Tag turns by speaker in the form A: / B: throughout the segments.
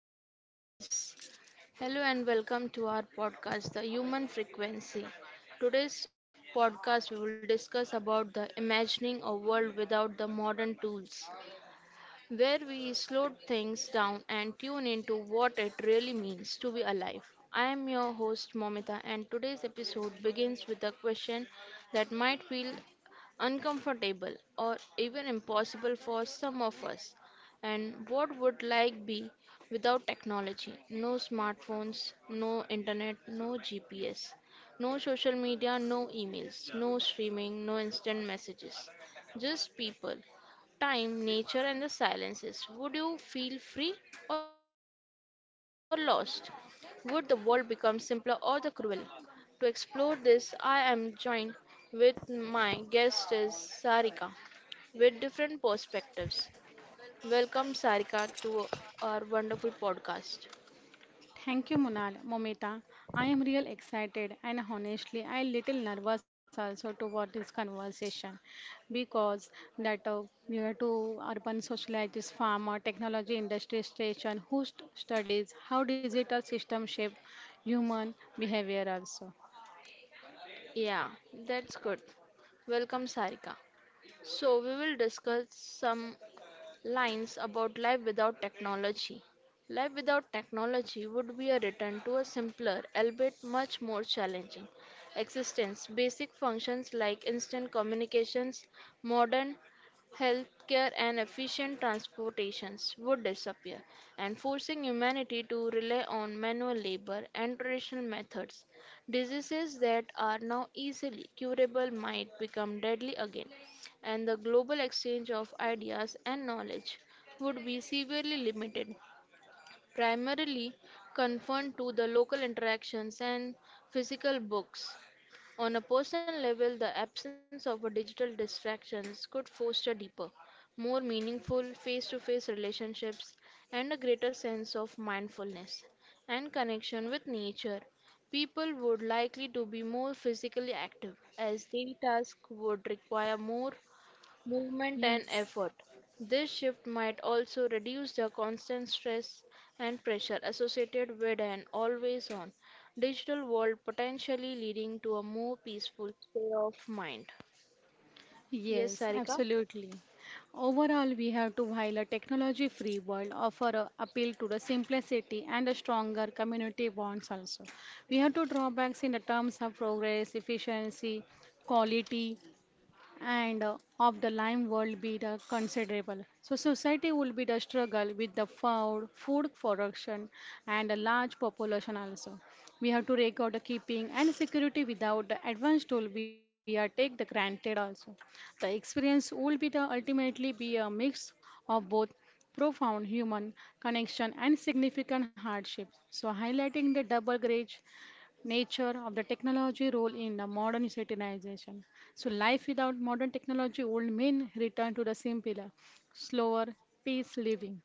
A: good evening, guys. Hello, and welcome to our podcast, The Human Frequency. Today's podcast, we will discuss about the imagining a world without the modern tools where we slow things down and tune into what it really means to be alive. I am your host Momita, and today's episode begins with a question that might feel uncomfortable or even impossible for some of us. And what would life be without technology? No smartphones, no internet, no GPS, no social media, no emails, no streaming, no instant messages. Just people time, nature, and the silences, would you feel free or lost? Would the world become simpler or the cruel? To explore this, I am joined with my guest is Sarika with different perspectives. Welcome Sarika to our wonderful podcast.
B: Thank you, Munal. Momita, I am real excited and honestly, I little nervous also toward this conversation because that near to urban socialites, farmer, technology industry station, who studies how digital system shape human behavior also.
A: Yeah, that's good. Welcome Sarika. So we will discuss some lines about life without technology. Life without technology would be a return to a simpler, albeit much more challenging, existence. Basic functions like instant communications, modern healthcare, and efficient transportations would disappear, and forcing humanity to rely on manual labor and traditional methods. Diseases that are now easily curable might become deadly again and the global exchange of ideas and knowledge would be severely limited, primarily confined to the local interactions and physical books. On a personal level, the absence of a digital distractions could foster deeper, more meaningful face to face relationships and a greater sense of mindfulness and connection with nature. People would likely to be more physically active as daily tasks would require more movement,
B: Yes.
A: and effort. This shift might also reduce the constant stress and pressure associated with an always on digital world, potentially leading to a more peaceful state of mind. Yes,
B: Yes,
A: Sarika?
B: absolutely. Overall, we have to, while a technology free world, offer a appeal to the simplicity and a stronger community bonds also. We have to drawbacks in the terms of progress, efficiency, quality, and of the lime world be the considerable. So society will be the struggle with the food production and a large population also. We have to record the keeping and security without the advanced tool we are take the granted also. The experience will be the ultimately be a mix of both profound human connection and significant hardship, so highlighting the double grade nature of the technology role in the modern civilization. So life without modern technology would mean return to the simpler, slower pace living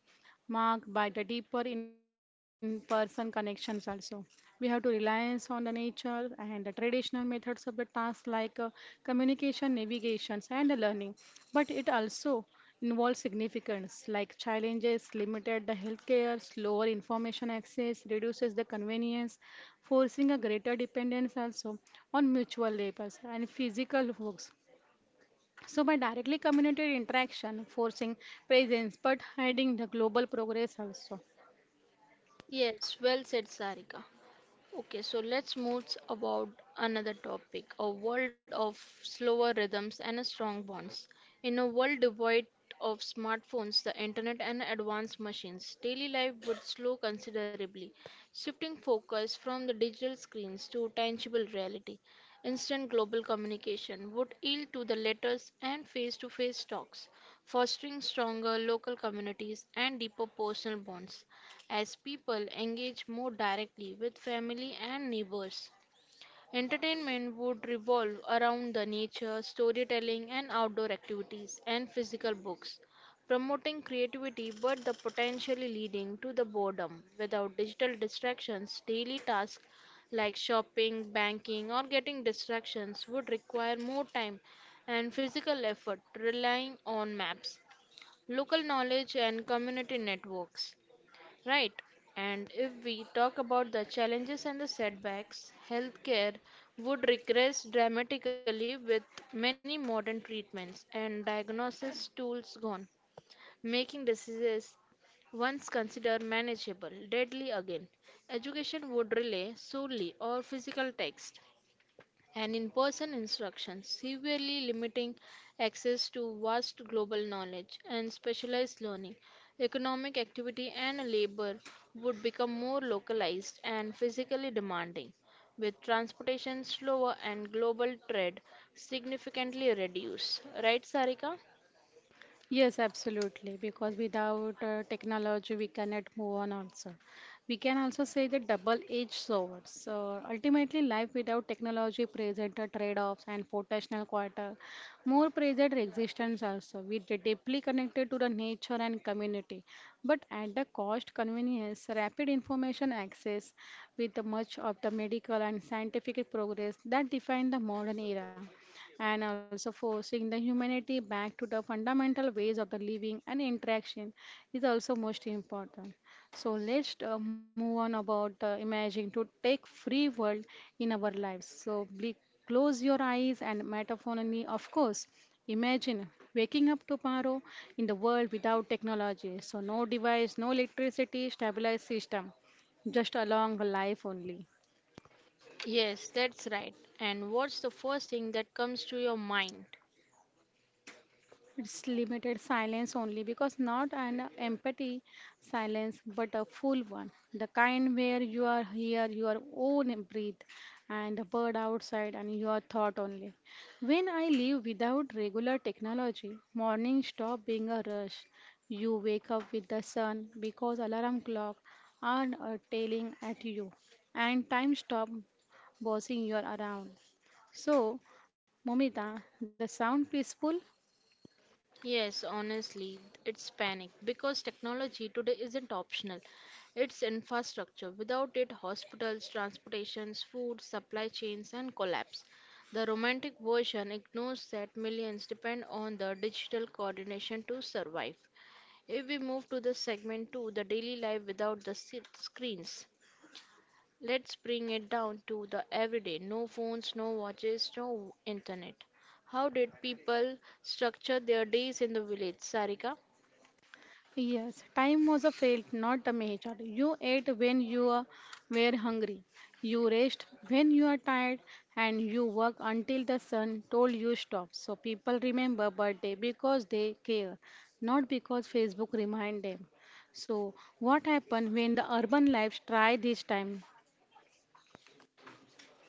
B: marked by the deeper in-person connections also. We have to reliance on the nature and the traditional methods of the task like communication, navigations, and the learning. But it also involves significance like challenges, limited the healthcare, slower information access, reduces the convenience, forcing a greater dependence also on mutual labors and physical works, so by directly community interaction, forcing presence but hiding the global progress also.
A: Yes, well said, Sarika. Okay, so let's move about another topic, a world of slower rhythms and strong bonds. In a world devoid of smartphones, the internet and advanced machines, daily life would slow considerably, shifting focus from the digital screens to tangible reality. Instant global communication would yield to the letters and face-to-face talks, fostering stronger local communities and deeper personal bonds as people engage more directly with family and neighbors. Entertainment would revolve around the nature, storytelling, and outdoor activities, and physical books, promoting creativity but the potentially leading to the boredom. Without digital distractions, daily tasks like shopping, banking, or getting distractions would require more time and physical effort, relying on maps, local knowledge, and community networks. Right. And if we talk about the challenges and the setbacks, healthcare would regress dramatically with many modern treatments and diagnosis tools gone, making diseases once considered manageable deadly again. Education would rely solely on physical text and in person instruction, severely limiting access to vast global knowledge and specialized learning. Economic activity and labor would become more localized and physically demanding, with transportation slower and global trade significantly reduced. Right, Sarika?
B: Yes, absolutely. Because without technology, we cannot move on also. We can also say the double-edged sword. So ultimately, life without technology presents a trade-offs and potential quarter, more present existence also. We are deeply connected to the nature and community, but at the cost convenience, rapid information access with the much of the medical and scientific progress that define the modern era and also forcing the humanity back to the fundamental ways of the living and interaction is also most important. So let's move on about imagining to take free world in our lives. So close your eyes and metaphorically, of course, imagine waking up tomorrow in the world without technology. So no device, no electricity, stabilized system, just along life only.
A: Yes, that's right. And what's the first thing that comes to your mind?
B: It's limited silence only because not an empty silence but a full one. The kind where you are here, your own breath, and the bird outside, and your thought only. When I live without regular technology, morning stop being a rush. You wake up with the sun because alarm clock aren't tailing at you, and time stop bossing you around. So, Momita, the sound peaceful.
A: Yes, honestly, it's panic because technology today isn't optional. It's infrastructure. Without it, hospitals, transportations, food, supply chains, and collapse. The romantic version ignores that millions depend on the digital coordination to survive. If we move to the segment 2, the daily life without the screens. Let's bring it down to the everyday no phones, no watches, no internet. How did people structure their days in the village, Sarika?
B: Yes, time was a felt, not a measure. You ate when you were hungry, you rest when you are tired, and you work until the sun told you stop. So people remember birthday because they care, not because Facebook remind them. So what happened when the urban lives try this time?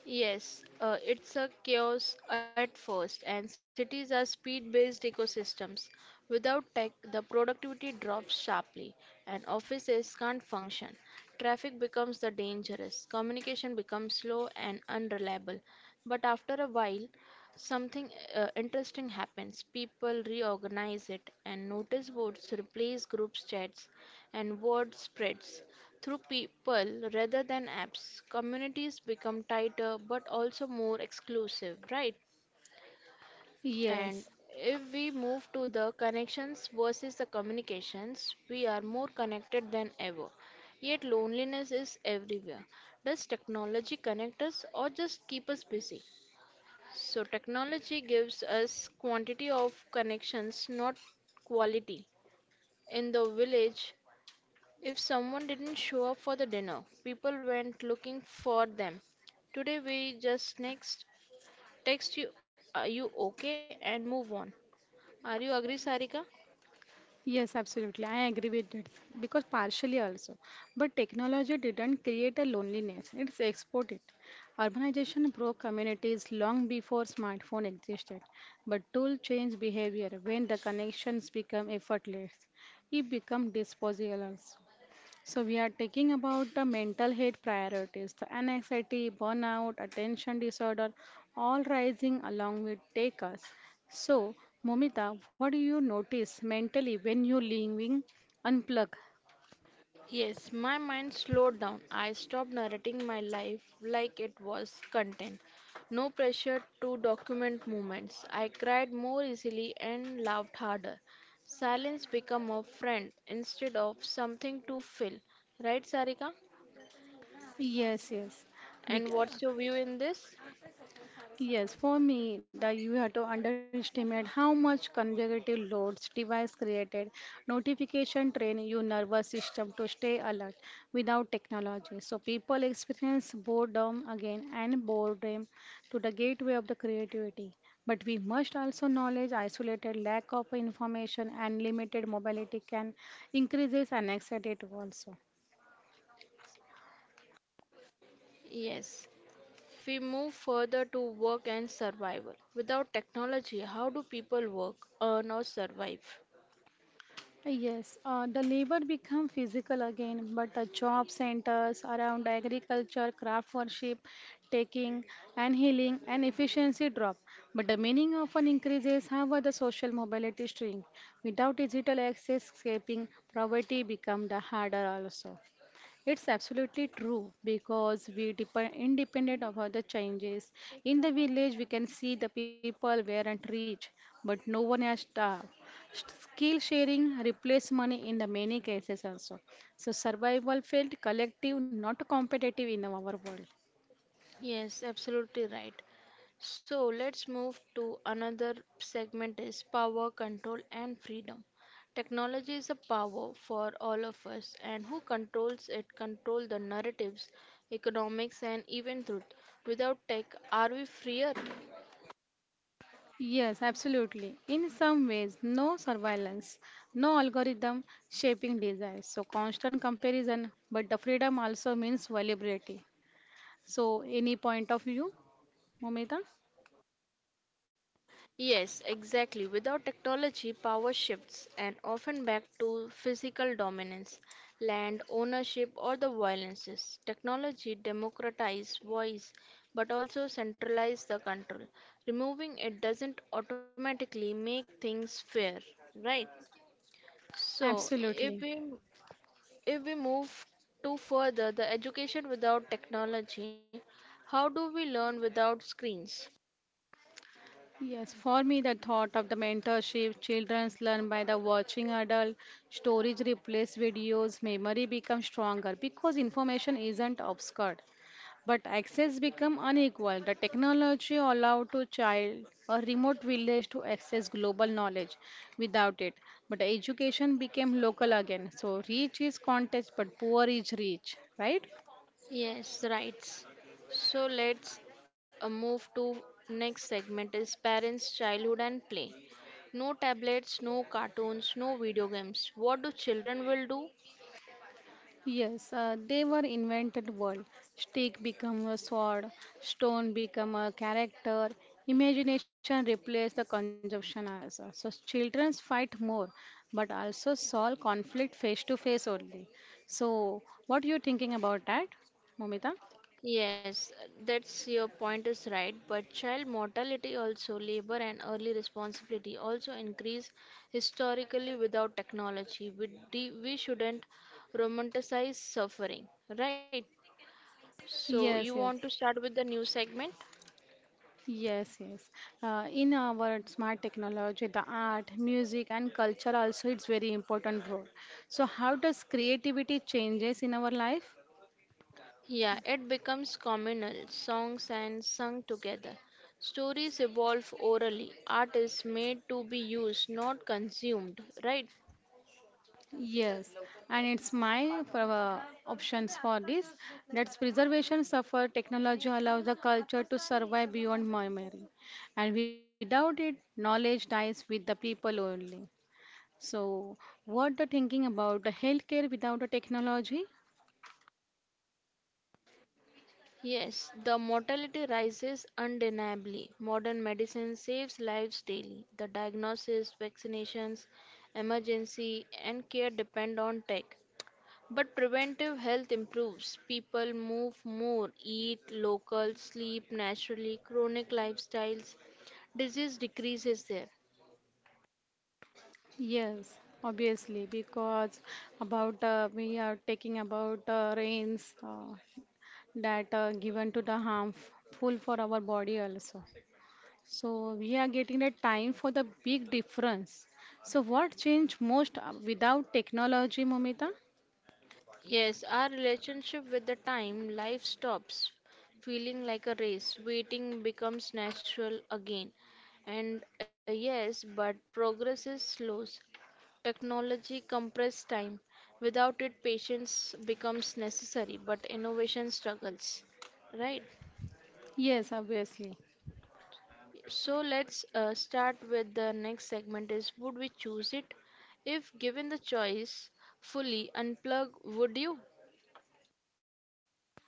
A: Yes, it's a chaos at first, and cities are speed based ecosystems. Without tech, the productivity drops sharply, and offices can't function. Traffic becomes the dangerous, communication becomes slow and unreliable. But after a while, something interesting happens. People reorganize it, and notice boards replace group chats, and word spreads. Through people rather than apps, communities become tighter but also more exclusive, right? And
B: Yes.
A: if we move to the connections versus the communications, we are more connected than ever. Yet loneliness is everywhere. Does technology connect us or just keep us busy? So, technology gives us quantity of connections, not quality. In the village, if someone didn't show up for the dinner, people went looking for them. Today we just next text you, are you okay, and move on. Are you agree, Sarika?
B: Yes, absolutely. I agree with it because partially also. But technology didn't create a loneliness, it's exported. Urbanization broke communities long before smartphone existed. But tool change behavior when the connections become effortless. It become disposable. So we are talking about the mental health priorities, the anxiety, burnout, attention disorder, all rising along with take us. So Momita, what do you notice mentally when you're living unplugged?
A: Yes, my mind slowed down. I stopped narrating my life like it was content. No pressure to document moments. I cried more easily and laughed harder. Silence became a friend instead of something to fill. Right, Sarika?
B: Yes, yes. We, c-
A: And what's your view in this?
B: Yes, for me, the you have to underestimate how much consecutive loads device created notification train your nervous system to stay alert without technology. So people experience boredom again and boredom to the gateway of the creativity. But we must also knowledge isolated lack of information and limited mobility can increases and exert it also.
A: Yes. We move further to work and survival. Without technology, how do people work, earn, or survive?
B: Yes, the labor become physical again, but the job centers around agriculture, craft worship, taking and healing and efficiency drop. But the meaning often increases, however, the social mobility shrink. Without digital access, escaping poverty become the harder also. It's absolutely true because we depend independent of other changes. In the village, we can see the people weren't rich, but no one has staff. Skill sharing replaced money in the many cases also. So survival felt collective, not competitive in our world.
A: Yes, absolutely right. So let's move to another segment is power, control, and freedom. Technology is a power for all of us, and who controls it control the narratives, economics, and even truth. Without tech, are we freer?
B: Yes, absolutely. In some ways, no surveillance, no algorithm shaping desires. So constant comparison, but the freedom also means vulnerability. So any point of view, Momita?
A: Yes, exactly. Without technology, power shifts and often back to physical dominance, land ownership, or the violences. Technology democratized voice but also centralized the control. Removing it doesn't automatically make things fair, right? So, if
B: Absolutely.
A: we if we move to further the education without technology, how do we learn without screens?
B: Yes, for me, the thought of the mentorship, children's learn by the watching adult, storage replace videos, memory becomes stronger because information isn't obscured. But access become unequal. The technology allow to child a remote village to access global knowledge without it. But education became local again. So rich is context, but poor is rich, right?
A: Yes, right. So let's move to next segment is parents, childhood and play. No tablets, no cartoons, no video games. What do children will do?
B: Yes, they were invented world. Stick become a sword, stone become a character, imagination replaced the consumption also. So children fight more, but also solve conflict face to face only. So what you thinking about that, Momita?
A: Yes, that's your point is right, but child mortality also labor and early responsibility also increase historically without technology. We shouldn't romanticize suffering, right? So
B: Yes,
A: you
B: yes.
A: want to start with the new segment?
B: Yes, yes. In our smart technology, the art, music, and culture also it's very important role. So, how does creativity changes in our life?
A: Yeah, it becomes communal, songs and sung together. Stories evolve orally. Art is made to be used, not consumed, right?
B: Yes, and it's my for, options for this. That's preservation suffer. Technology allows the culture to survive beyond memory, and without it, knowledge dies with the people only. So, what the thinking about the healthcare without the technology?
A: Yes, the mortality rises undeniably. Modern medicine saves lives daily. The diagnosis, vaccinations, emergency, and care depend on tech. But preventive health improves. People move more, eat local, sleep naturally, chronic lifestyles, disease decreases there.
B: Yes, obviously, because about we are taking about rains that are given to the harmful for our body also. So we are getting a time for the big difference. So what changed most without technology, Momita?
A: Yes, our relationship with the time, life stops feeling like a race. Waiting becomes natural again. And yes, but progress is slow. Technology compresses time. Without it, patience becomes necessary, but innovation struggles. Right?
B: Yes, obviously.
A: So let's start with the next segment is would we choose it? If given the choice, fully unplug, would you?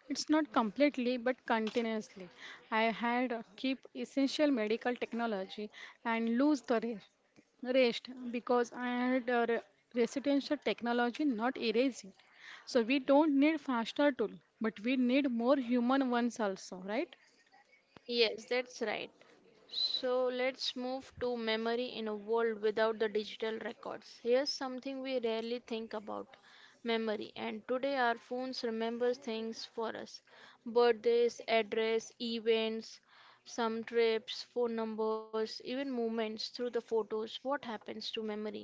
B: It's not completely but continuously. I had keep essential medical technology and lose the rest. Rest because I had residential technology not erasing. So we don't need faster tool, but we need more human ones also, right?
A: Yes, that's right. So let's move to memory in a world without the digital records. Here's something we rarely think about memory. And today our phones remember things for us birthdays, address, events, some trips, phone numbers, even moments through the photos. What happens to memory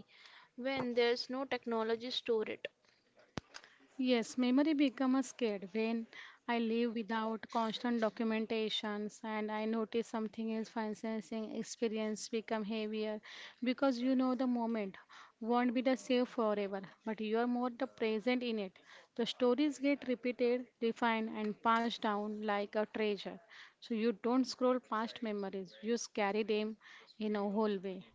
A: when there's no technology store it?
B: Yes, memory become a scared when I live without constant documentations and I notice something is financing experience become heavier because you know the moment won't be the same forever, but you are more the present in it. The stories get repeated, refined and passed down like a treasure. So you don't scroll past memories, you just carry them in a whole way.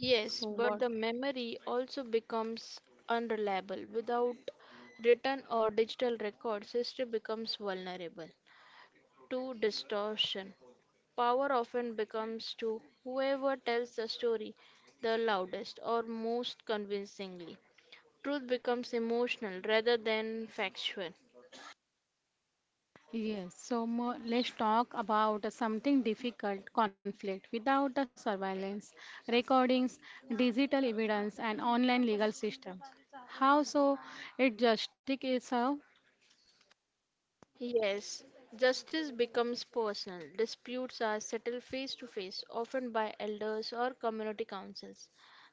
A: Yes,
B: So
A: but
B: what?
A: the memory also becomes unreliable. Without written or digital records, history becomes vulnerable to distortion. Power often becomes to whoever tells the story the loudest or most convincingly. Truth becomes emotional rather than factual.
B: Yes, so let's talk about something difficult conflict without the surveillance, recordings, digital evidence, and online legal system. How so? It justice is how?
A: Yes, justice becomes personal. Disputes are settled face to face, often by elders or community councils.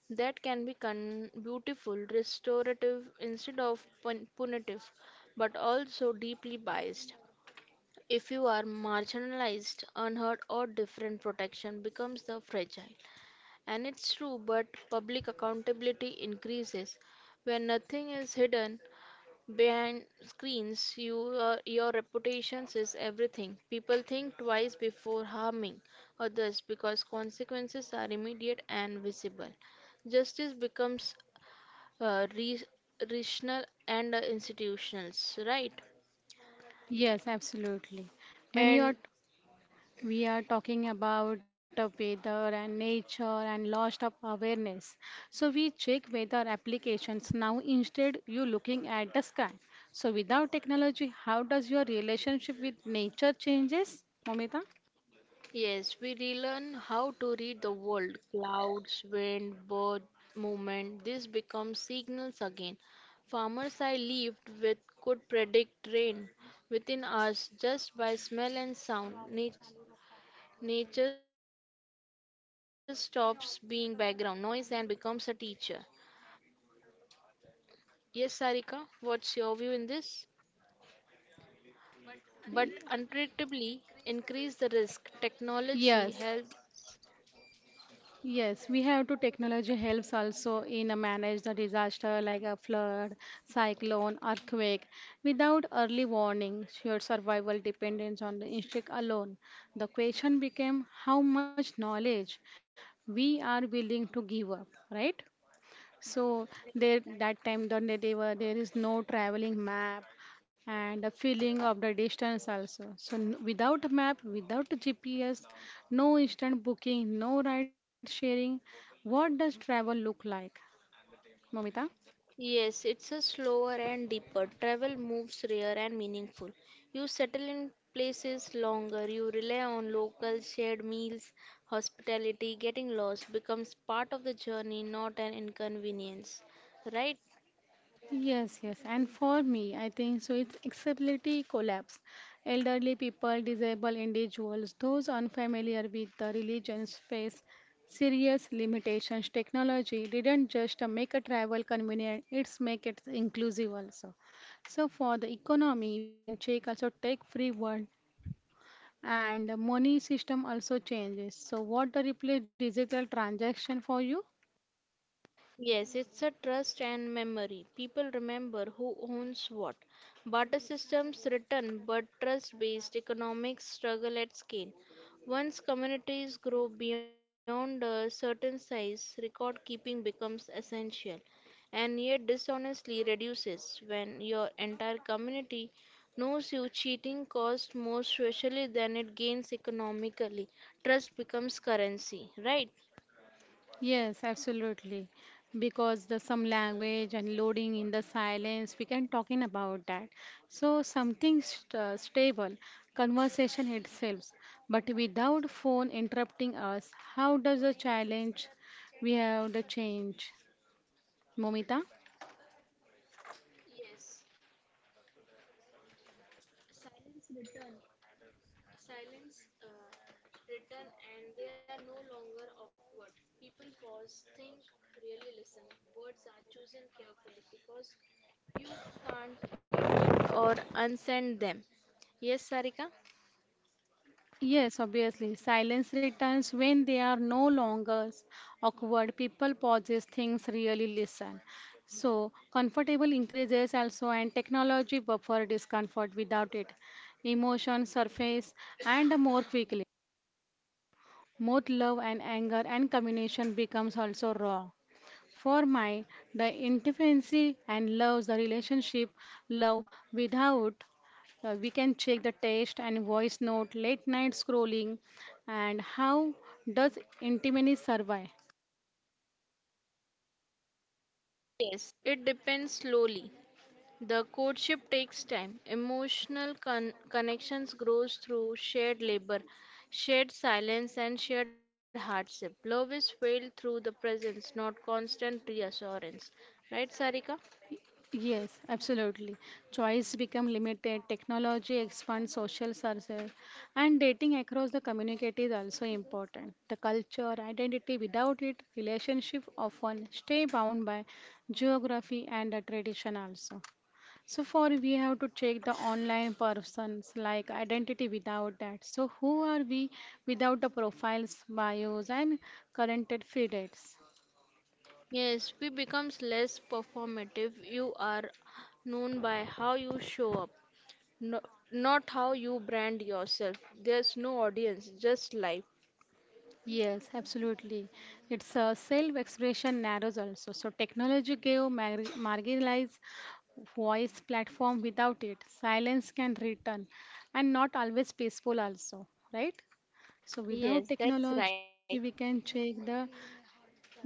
A: That can be beautiful, restorative instead of punitive, but also deeply biased. If you are marginalized, unheard, or different, protection becomes the fragile. And it's true, but public accountability increases. When nothing is hidden, behind screens, your reputation is everything. People think twice before harming others because consequences are immediate and visible. Justice becomes uh, re- rational and institutional, right?
B: Yes, absolutely. When you
A: And
B: are. We are talking about the weather and nature and lost of awareness. So we check weather applications now instead you looking at the sky. So without technology, how does your relationship with nature changes, Momita?
A: yes, we relearn how to read the world, clouds, wind, bird movement. This becomes signals again. Farmers I lived with could predict rain within hours just by smell and sound. Nature stops being background noise and becomes a teacher. Yes, Sarika, what's your view in this? But unpredictably increase the risk. Technology help
B: Yes, yes, we have to technology helps also in manage the disaster like a flood, cyclone, earthquake. Without early warning, your survival depends on the instinct alone. The question became how much knowledge we are willing to give up, right? So there that time the they were there is no traveling map and a feeling of the distance also. So without a map, without GPS, no instant booking, no ride sharing, what does travel look like, Momita?
A: yes, it's a slower and deeper. Travel moves rare and meaningful. You settle in places longer. You rely on local shared meals, hospitality. Getting lost becomes part of the journey, not an inconvenience. Right?
B: Yes, yes. And for me, I think so it's accessibility collapse. Elderly people, disabled individuals, those unfamiliar with the religions face serious limitations. Technology didn't just make a travel convenient, it's make it inclusive also. So for the economy, we can check also tech free world and the money system also changes. So what the replace digital transaction for you?
A: Yes, it's a trust and memory. People remember who owns what. Barter systems return, but trust based economics struggle at scale. Once communities grow beyond a certain size, record keeping becomes essential, and yet dishonestly reduces when your entire community knows you cheating costs more socially than it gains economically. Trust becomes currency, right?
B: Yes, absolutely. Because the some language and loading in the silence, we can talking about that. So something st stable, conversation itself, but without phone interrupting us, how does the challenge we have the change, Momita?
A: Written and they are no longer awkward. People pause, think, really listen. Words are chosen carefully because you can't edit or unsend them. Yes, Sarika?
B: Yes, obviously. Silence returns when they are no longer awkward. People pauses, things really listen. So, comfortable increases also, and technology buffer discomfort without it. Emotion surface and more quickly. Both love and anger and communication becomes also raw. For mine, the intimacy and love, the relationship, love without, we can check the text and voice note, late night scrolling, and how does intimacy survive?
A: Yes, it depends slowly. The courtship takes time. Emotional connections grows through shared labor, shared silence and shared hardship. Love is felt through the presence, not constant reassurance. Right, Sarika?
B: Yes, absolutely. Choice become limited, technology expands social services, and dating across the community is also important. The culture, identity, without it, relationship often stay bound by geography and the tradition also. So for we have to check the online persons like identity without that. So who are we without the profiles, bios and current feed dates?
A: Yes, we becomes less performative. You are known by how you show up, no, not how you brand yourself. There's no audience, just life.
B: Yes, absolutely. It's a self-expression narrows also. So technology gave marginalized voice platform without it. Silence can return and not always peaceful also, right? So without
A: Yes, that's
B: technology,
A: right.
B: we can check the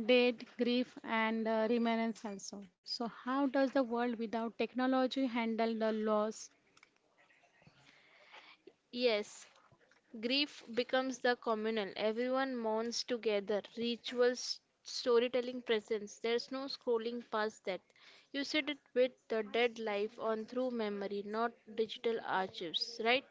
B: date, grief, and remembrance also. So, how does the world without technology handle the loss?
A: Yes, grief becomes the communal. Everyone mourns together. Rituals, storytelling presence. There's no scrolling past that. You sit it with the dead life on through memory, not digital archives, right?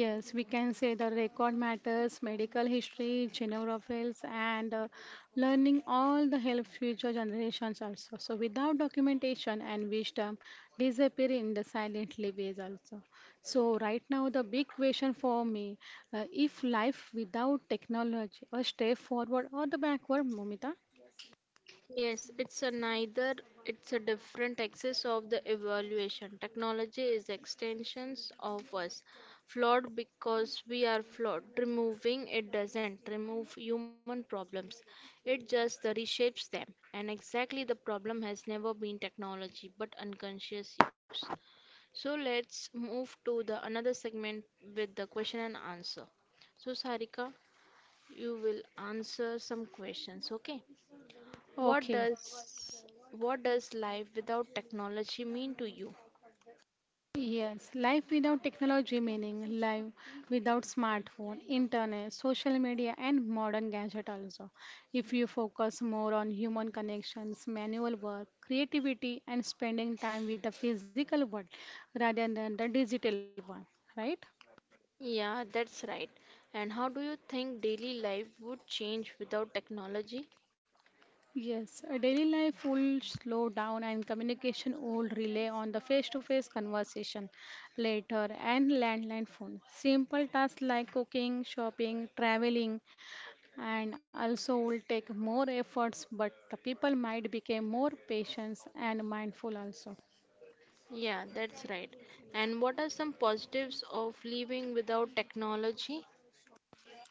B: Yes, we can say the record matters, medical history, genographers, and learning all the help future generations also. So, without documentation and wisdom, disappear in the silently ways also. So, right now, the big question for me, if life without technology, a step forward or the backward, Momita?
A: Yes, it's a neither, it's a different axis of the evaluation. Technology is extensions of us, flawed because we are flawed. Removing it doesn't remove human problems, it just the reshapes them. And exactly the problem has never been technology but unconscious use. So let's move to the another segment with the question and answer. So, Sarika, you will answer some questions, okay? What
B: Okay.
A: does what does life without technology mean to you?
B: Yes, life without technology meaning life without smartphone, internet, social media and modern gadget also. If you focus more on human connections, manual work, creativity and spending time with the physical world rather than the digital one, right?
A: Yeah, that's right. And how do you think daily life would change without technology?
B: Yes, a daily life will slow down and communication will rely on the face-to-face conversation later and landline phone. Simple tasks like cooking, shopping, traveling and also will take more efforts but the people might become more patient and mindful also.
A: Yeah, that's right. And what are some positives of living without technology?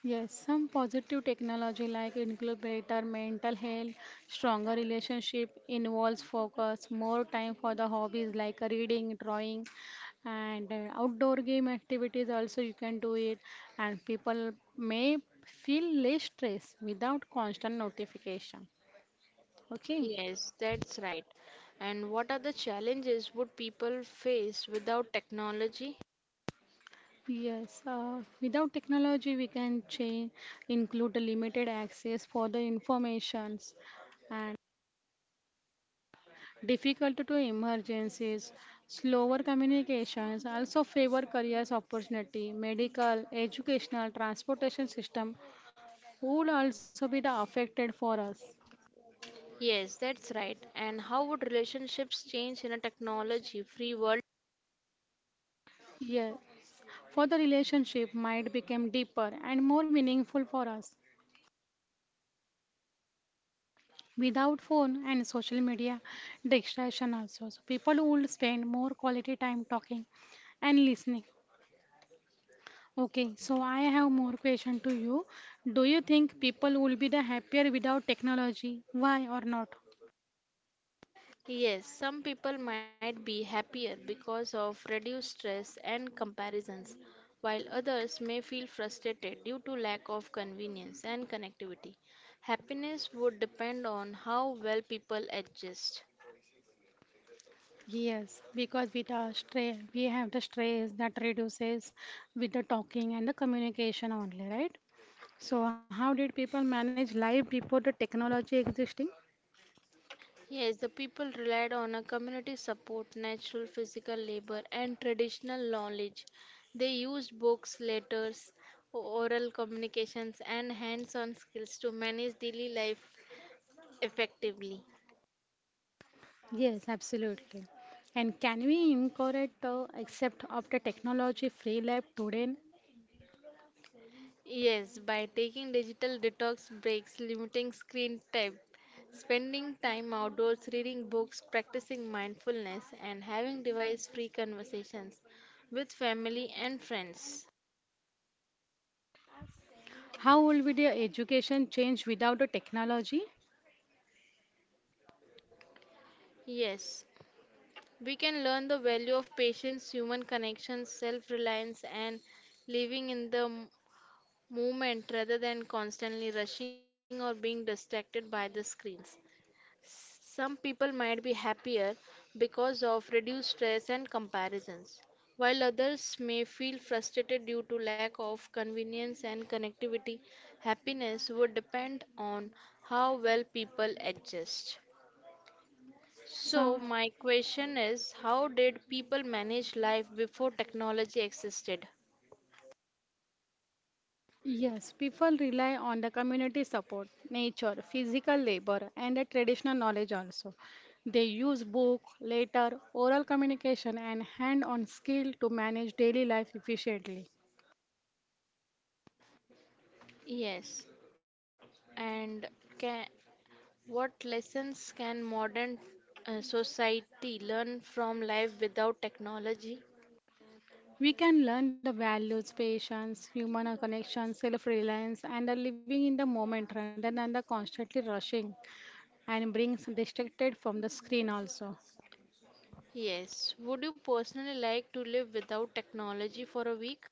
B: Yes, some positive technology like incubator mental health stronger relationship involves focus more time for the hobbies like reading drawing and outdoor game activities also you can do it and people may feel less stress without constant notification. Okay.
A: Yes, that's right. And what are the challenges would people face without technology?
B: Yes, without technology, we can change, include the limited access for the informations and difficulty to emergencies, slower communications, also favor careers opportunity, medical, educational, transportation system would also be the affected for us.
A: Yes, that's right. And how would relationships change in a technology-free world?
B: Yeah, for the relationship might become deeper and more meaningful for us, without phone and social media distraction also, so people will spend more quality time talking and listening. Okay, so I have more question to you. Do you think people will be the happier without technology, why or not?
A: Yes, some people might be happier because of reduced stress and comparisons, while others may feel frustrated due to lack of convenience and connectivity. Happiness would depend on how well people adjust.
B: Yes, because with our stress we have the stress that reduces with the talking and the communication only, right? So how did people manage life before the technology existing?
A: Yes, the people relied on a community support, natural physical labor, and traditional knowledge. They used books, letters, oral communications, and hands on skills to manage daily life effectively.
B: Yes, absolutely. And can we incorporate accept of the technology free life today?
A: Yes, by taking digital detox breaks, limiting screen time, spending time outdoors, reading books, practicing mindfulness, and having device free conversations with family and friends.
B: How will be the education change without the technology?
A: Yes, we can learn the value of patience, human connections, self reliance, and living in the moment rather than constantly rushing or being distracted by the screens. Some people might be happier because of reduced stress and comparisons, while others may feel frustrated due to lack of convenience and connectivity. Happiness would depend on how well people adjust.
B: So,
A: So, my question is, how did people manage life before technology existed?
B: yes, people rely on the community support, nature, physical labor, and the traditional knowledge also. They use book, letter, oral communication, and hand-on skill to manage daily life efficiently.
A: Yes, and can what lessons can modern society learn from life without technology?
B: We can learn the values, patience, human connection, self reliance, and are living in the moment rather than the constantly rushing and brings distracted from the screen also.
A: Yes. Would you personally like to live without technology for a week?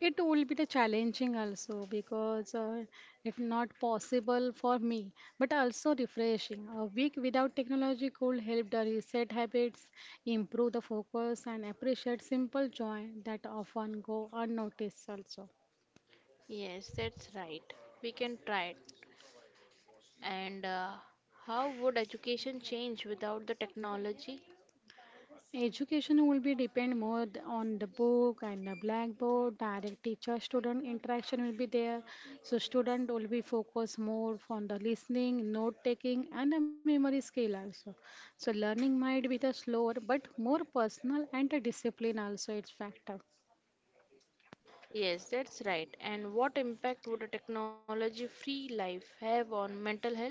B: It will be the challenging also because it's not possible for me, but also refreshing. A week without technology could help the reset habits, improve the focus, and appreciate simple joy that often go unnoticed also.
A: Yes, that's right. We can try it. And how would education change without the technology?
B: Education will be depend more on the book and the blackboard. Direct teacher-student interaction will be there. So student will be focused more on the listening, note-taking, and the memory skill also. So learning might be the slower, but more personal and the discipline also it's factor.
A: Yes, that's right. And what impact would a technology free life have on mental health?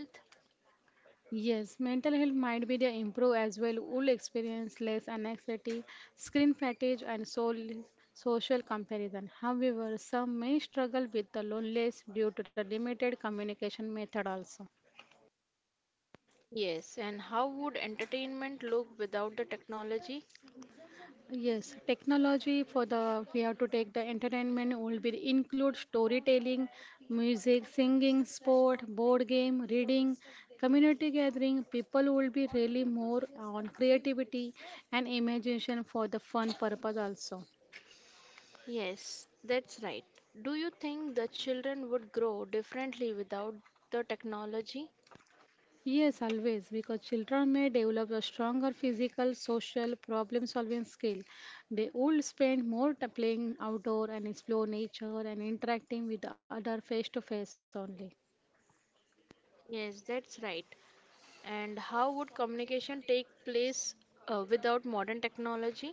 B: Yes, mental health might be the improve as well. Will experience less anxiety, screen fatigue, and soul, social comparison. However, some may struggle with the loneliness due to the limited communication method also.
A: Yes, and how would entertainment look without the technology?
B: Yes, technology for the we have to take the entertainment will be include storytelling, music, singing, sport, board game, reading, community gathering. People will be really more on creativity and imagination for the fun purpose also.
A: Yes, that's right. Do you think the children would grow differently without the technology?
B: Yes, always because children may develop a stronger physical, social, problem-solving skill. They will spend more time playing outdoor and explore nature and interacting with other face-to-face only.
A: Yes, that's right. And how would communication take place without modern technology?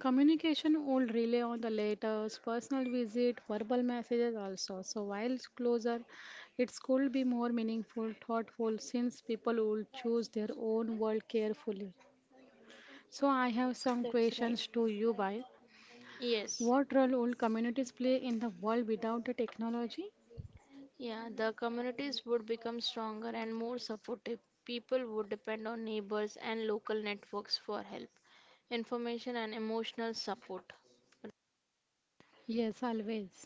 B: Communication will rely on the letters, personal visit, verbal messages also. So while it's closer, it could be more meaningful, thoughtful, since people will choose their own word carefully. So I have some
A: That's right.
B: questions to you, Bai.
A: Yes.
B: What role will communities play in the world without the technology?
A: Yeah, the communities would become stronger and more supportive. People would depend on neighbors and local networks for help, information, and emotional support.
B: Yes, always.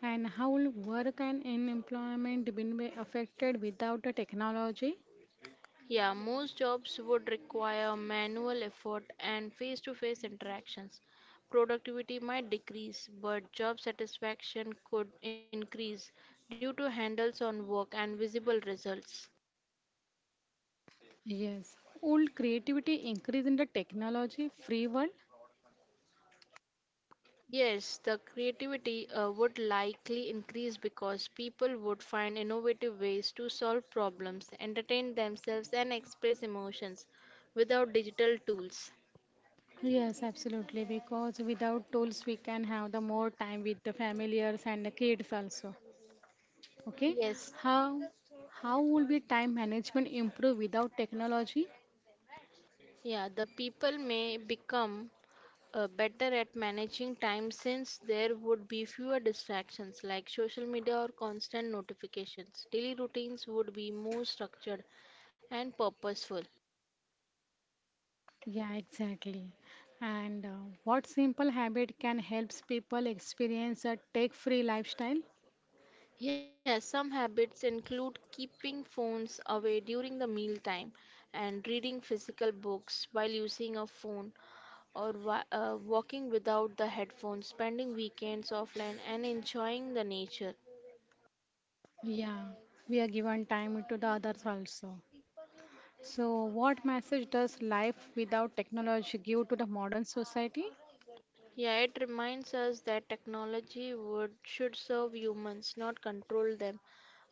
B: And how will work and employment been be affected without the technology?
A: Yeah, most jobs would require manual effort and face to face interactions. Productivity might decrease, but job satisfaction could increase due to handles on work and visible results.
B: Yes, old creativity increase in the technology free one.
A: Yes, the creativity would likely increase because people would find innovative ways to solve problems, entertain themselves, and express emotions without digital tools.
B: Yes, absolutely. Because without tools, we can have the more time with the familiars and the kids also. Okay,
A: Yes.
B: how how will be time management improve without technology?
A: Yeah, the people may become better at managing time since there would be fewer distractions like social media or constant notifications. Daily routines would be more structured and purposeful.
B: Yeah, exactly. And what simple habit can helps people experience a tech-free lifestyle?
A: Yes, some habits include keeping phones away during the meal time and reading physical books while using a phone or walking without the headphones, spending weekends offline and enjoying the nature.
B: Yeah, we are given time to the others also. So, what message does life without technology give to the modern society?
A: Yeah, it reminds us that technology would should serve humans, not control them.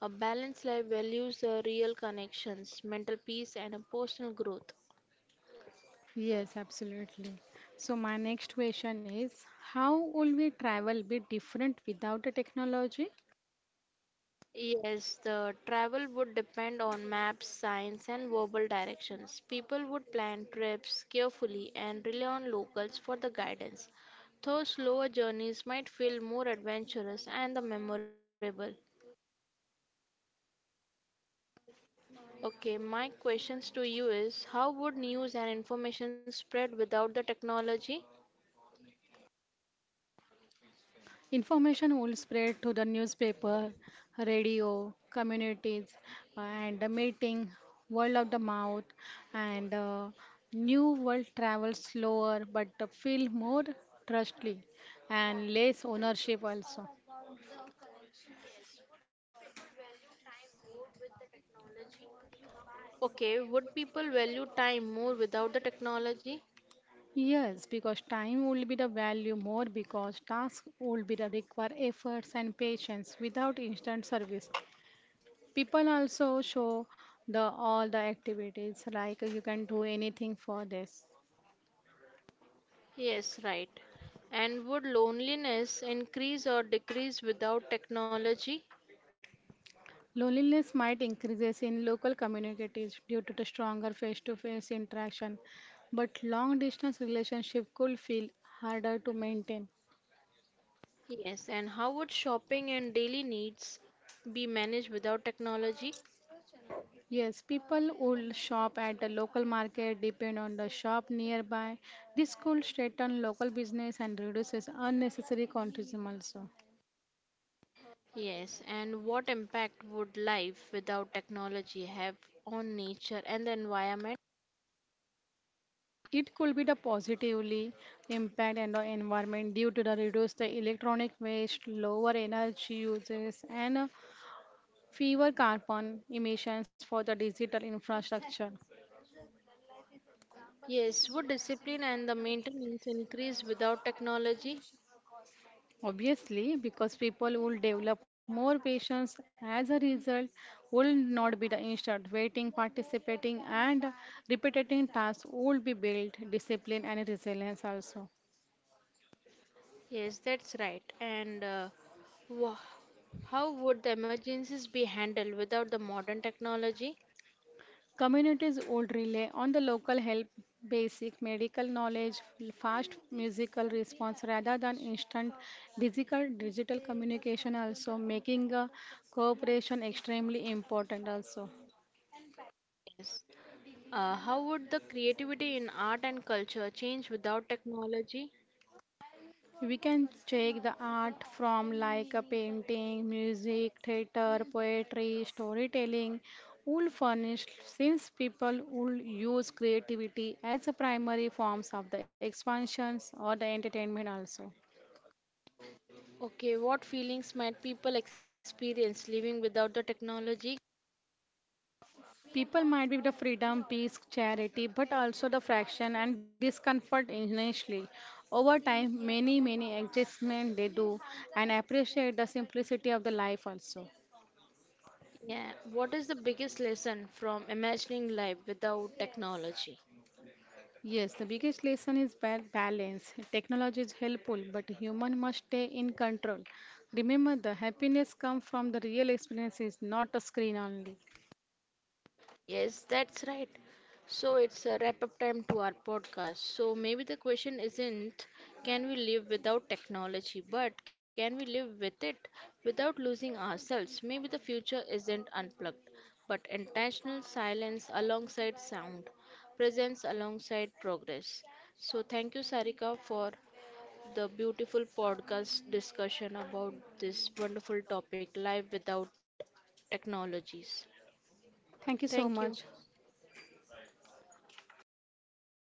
A: A balanced life values the real connections, mental peace, and a personal growth.
B: Yes, absolutely. So, my next question is, how will we travel be different without the technology?
A: Yes, the travel would depend on maps, signs, and verbal directions. People would plan trips carefully and rely on locals for the guidance. Though slower journeys might feel more adventurous and the memorable. Okay, my questions to you is, how would news and information spread without the technology?
B: Information will spread to the newspaper, radio, communities, and the meeting, word of the mouth, and new world travel slower but feel more trustly and less ownership also.
A: Okay, would people value time more without the technology?
B: Yes, because time will be the value more because task will be the require efforts and patience without instant service. People also show the all the activities like you can do anything for this.
A: Yes, right. And would loneliness increase or decrease without technology?
B: Loneliness might increases in local communities due to the stronger face-to-face interaction, but long-distance relationship could feel harder to maintain.
A: Yes. And how would shopping and daily needs be managed without technology?
B: Yes, people would shop at the local market, depend on the shop nearby. This could strengthen local business and reduces unnecessary consumption also.
A: Yes. And what impact would life without technology have on nature and the environment?
B: It could be the positively impact on the environment due to the reduce the electronic waste, lower energy uses, and fewer carbon emissions for the digital infrastructure.
A: Yes, would discipline and the maintenance increase without technology?
B: Obviously, because people will develop more patience as a result, will not be the instant waiting, participating, and repetitive tasks will be built, discipline and resilience also.
A: Yes, that's right. And wha how would the emergencies be handled without the modern technology?
B: Communities will rely on the local help, basic medical knowledge, fast musical response rather than instant digital communication also, making cooperation extremely important also.
A: Yes. How would the creativity in art and culture change without technology?
B: We can check the art from like a painting, music, theater, poetry, storytelling, wool furnished since people would use creativity as a primary forms of the expansions or the entertainment also.
A: Okay, what feelings might people experience living without the technology?
B: People might be the freedom, peace, charity, but also the fraction and discomfort initially. Over time, many adjustments they do and appreciate the simplicity of the life also.
A: Yeah, what is the biggest lesson from imagining life without technology?
B: Yes, the biggest lesson is balance. Technology is helpful, but human must stay in control. Remember, the happiness comes from the real experiences, not a screen only.
A: Yes, that's right. So it's a wrap up time to our podcast. So maybe the question isn't, can we live without technology, but can we live with it without losing ourselves? Maybe the future isn't unplugged, but intentional silence alongside sound, presence alongside progress. So thank you, Sarika, for the beautiful podcast discussion about this wonderful topic life without technologies.
B: Thank you so
A: Thank you.
B: much.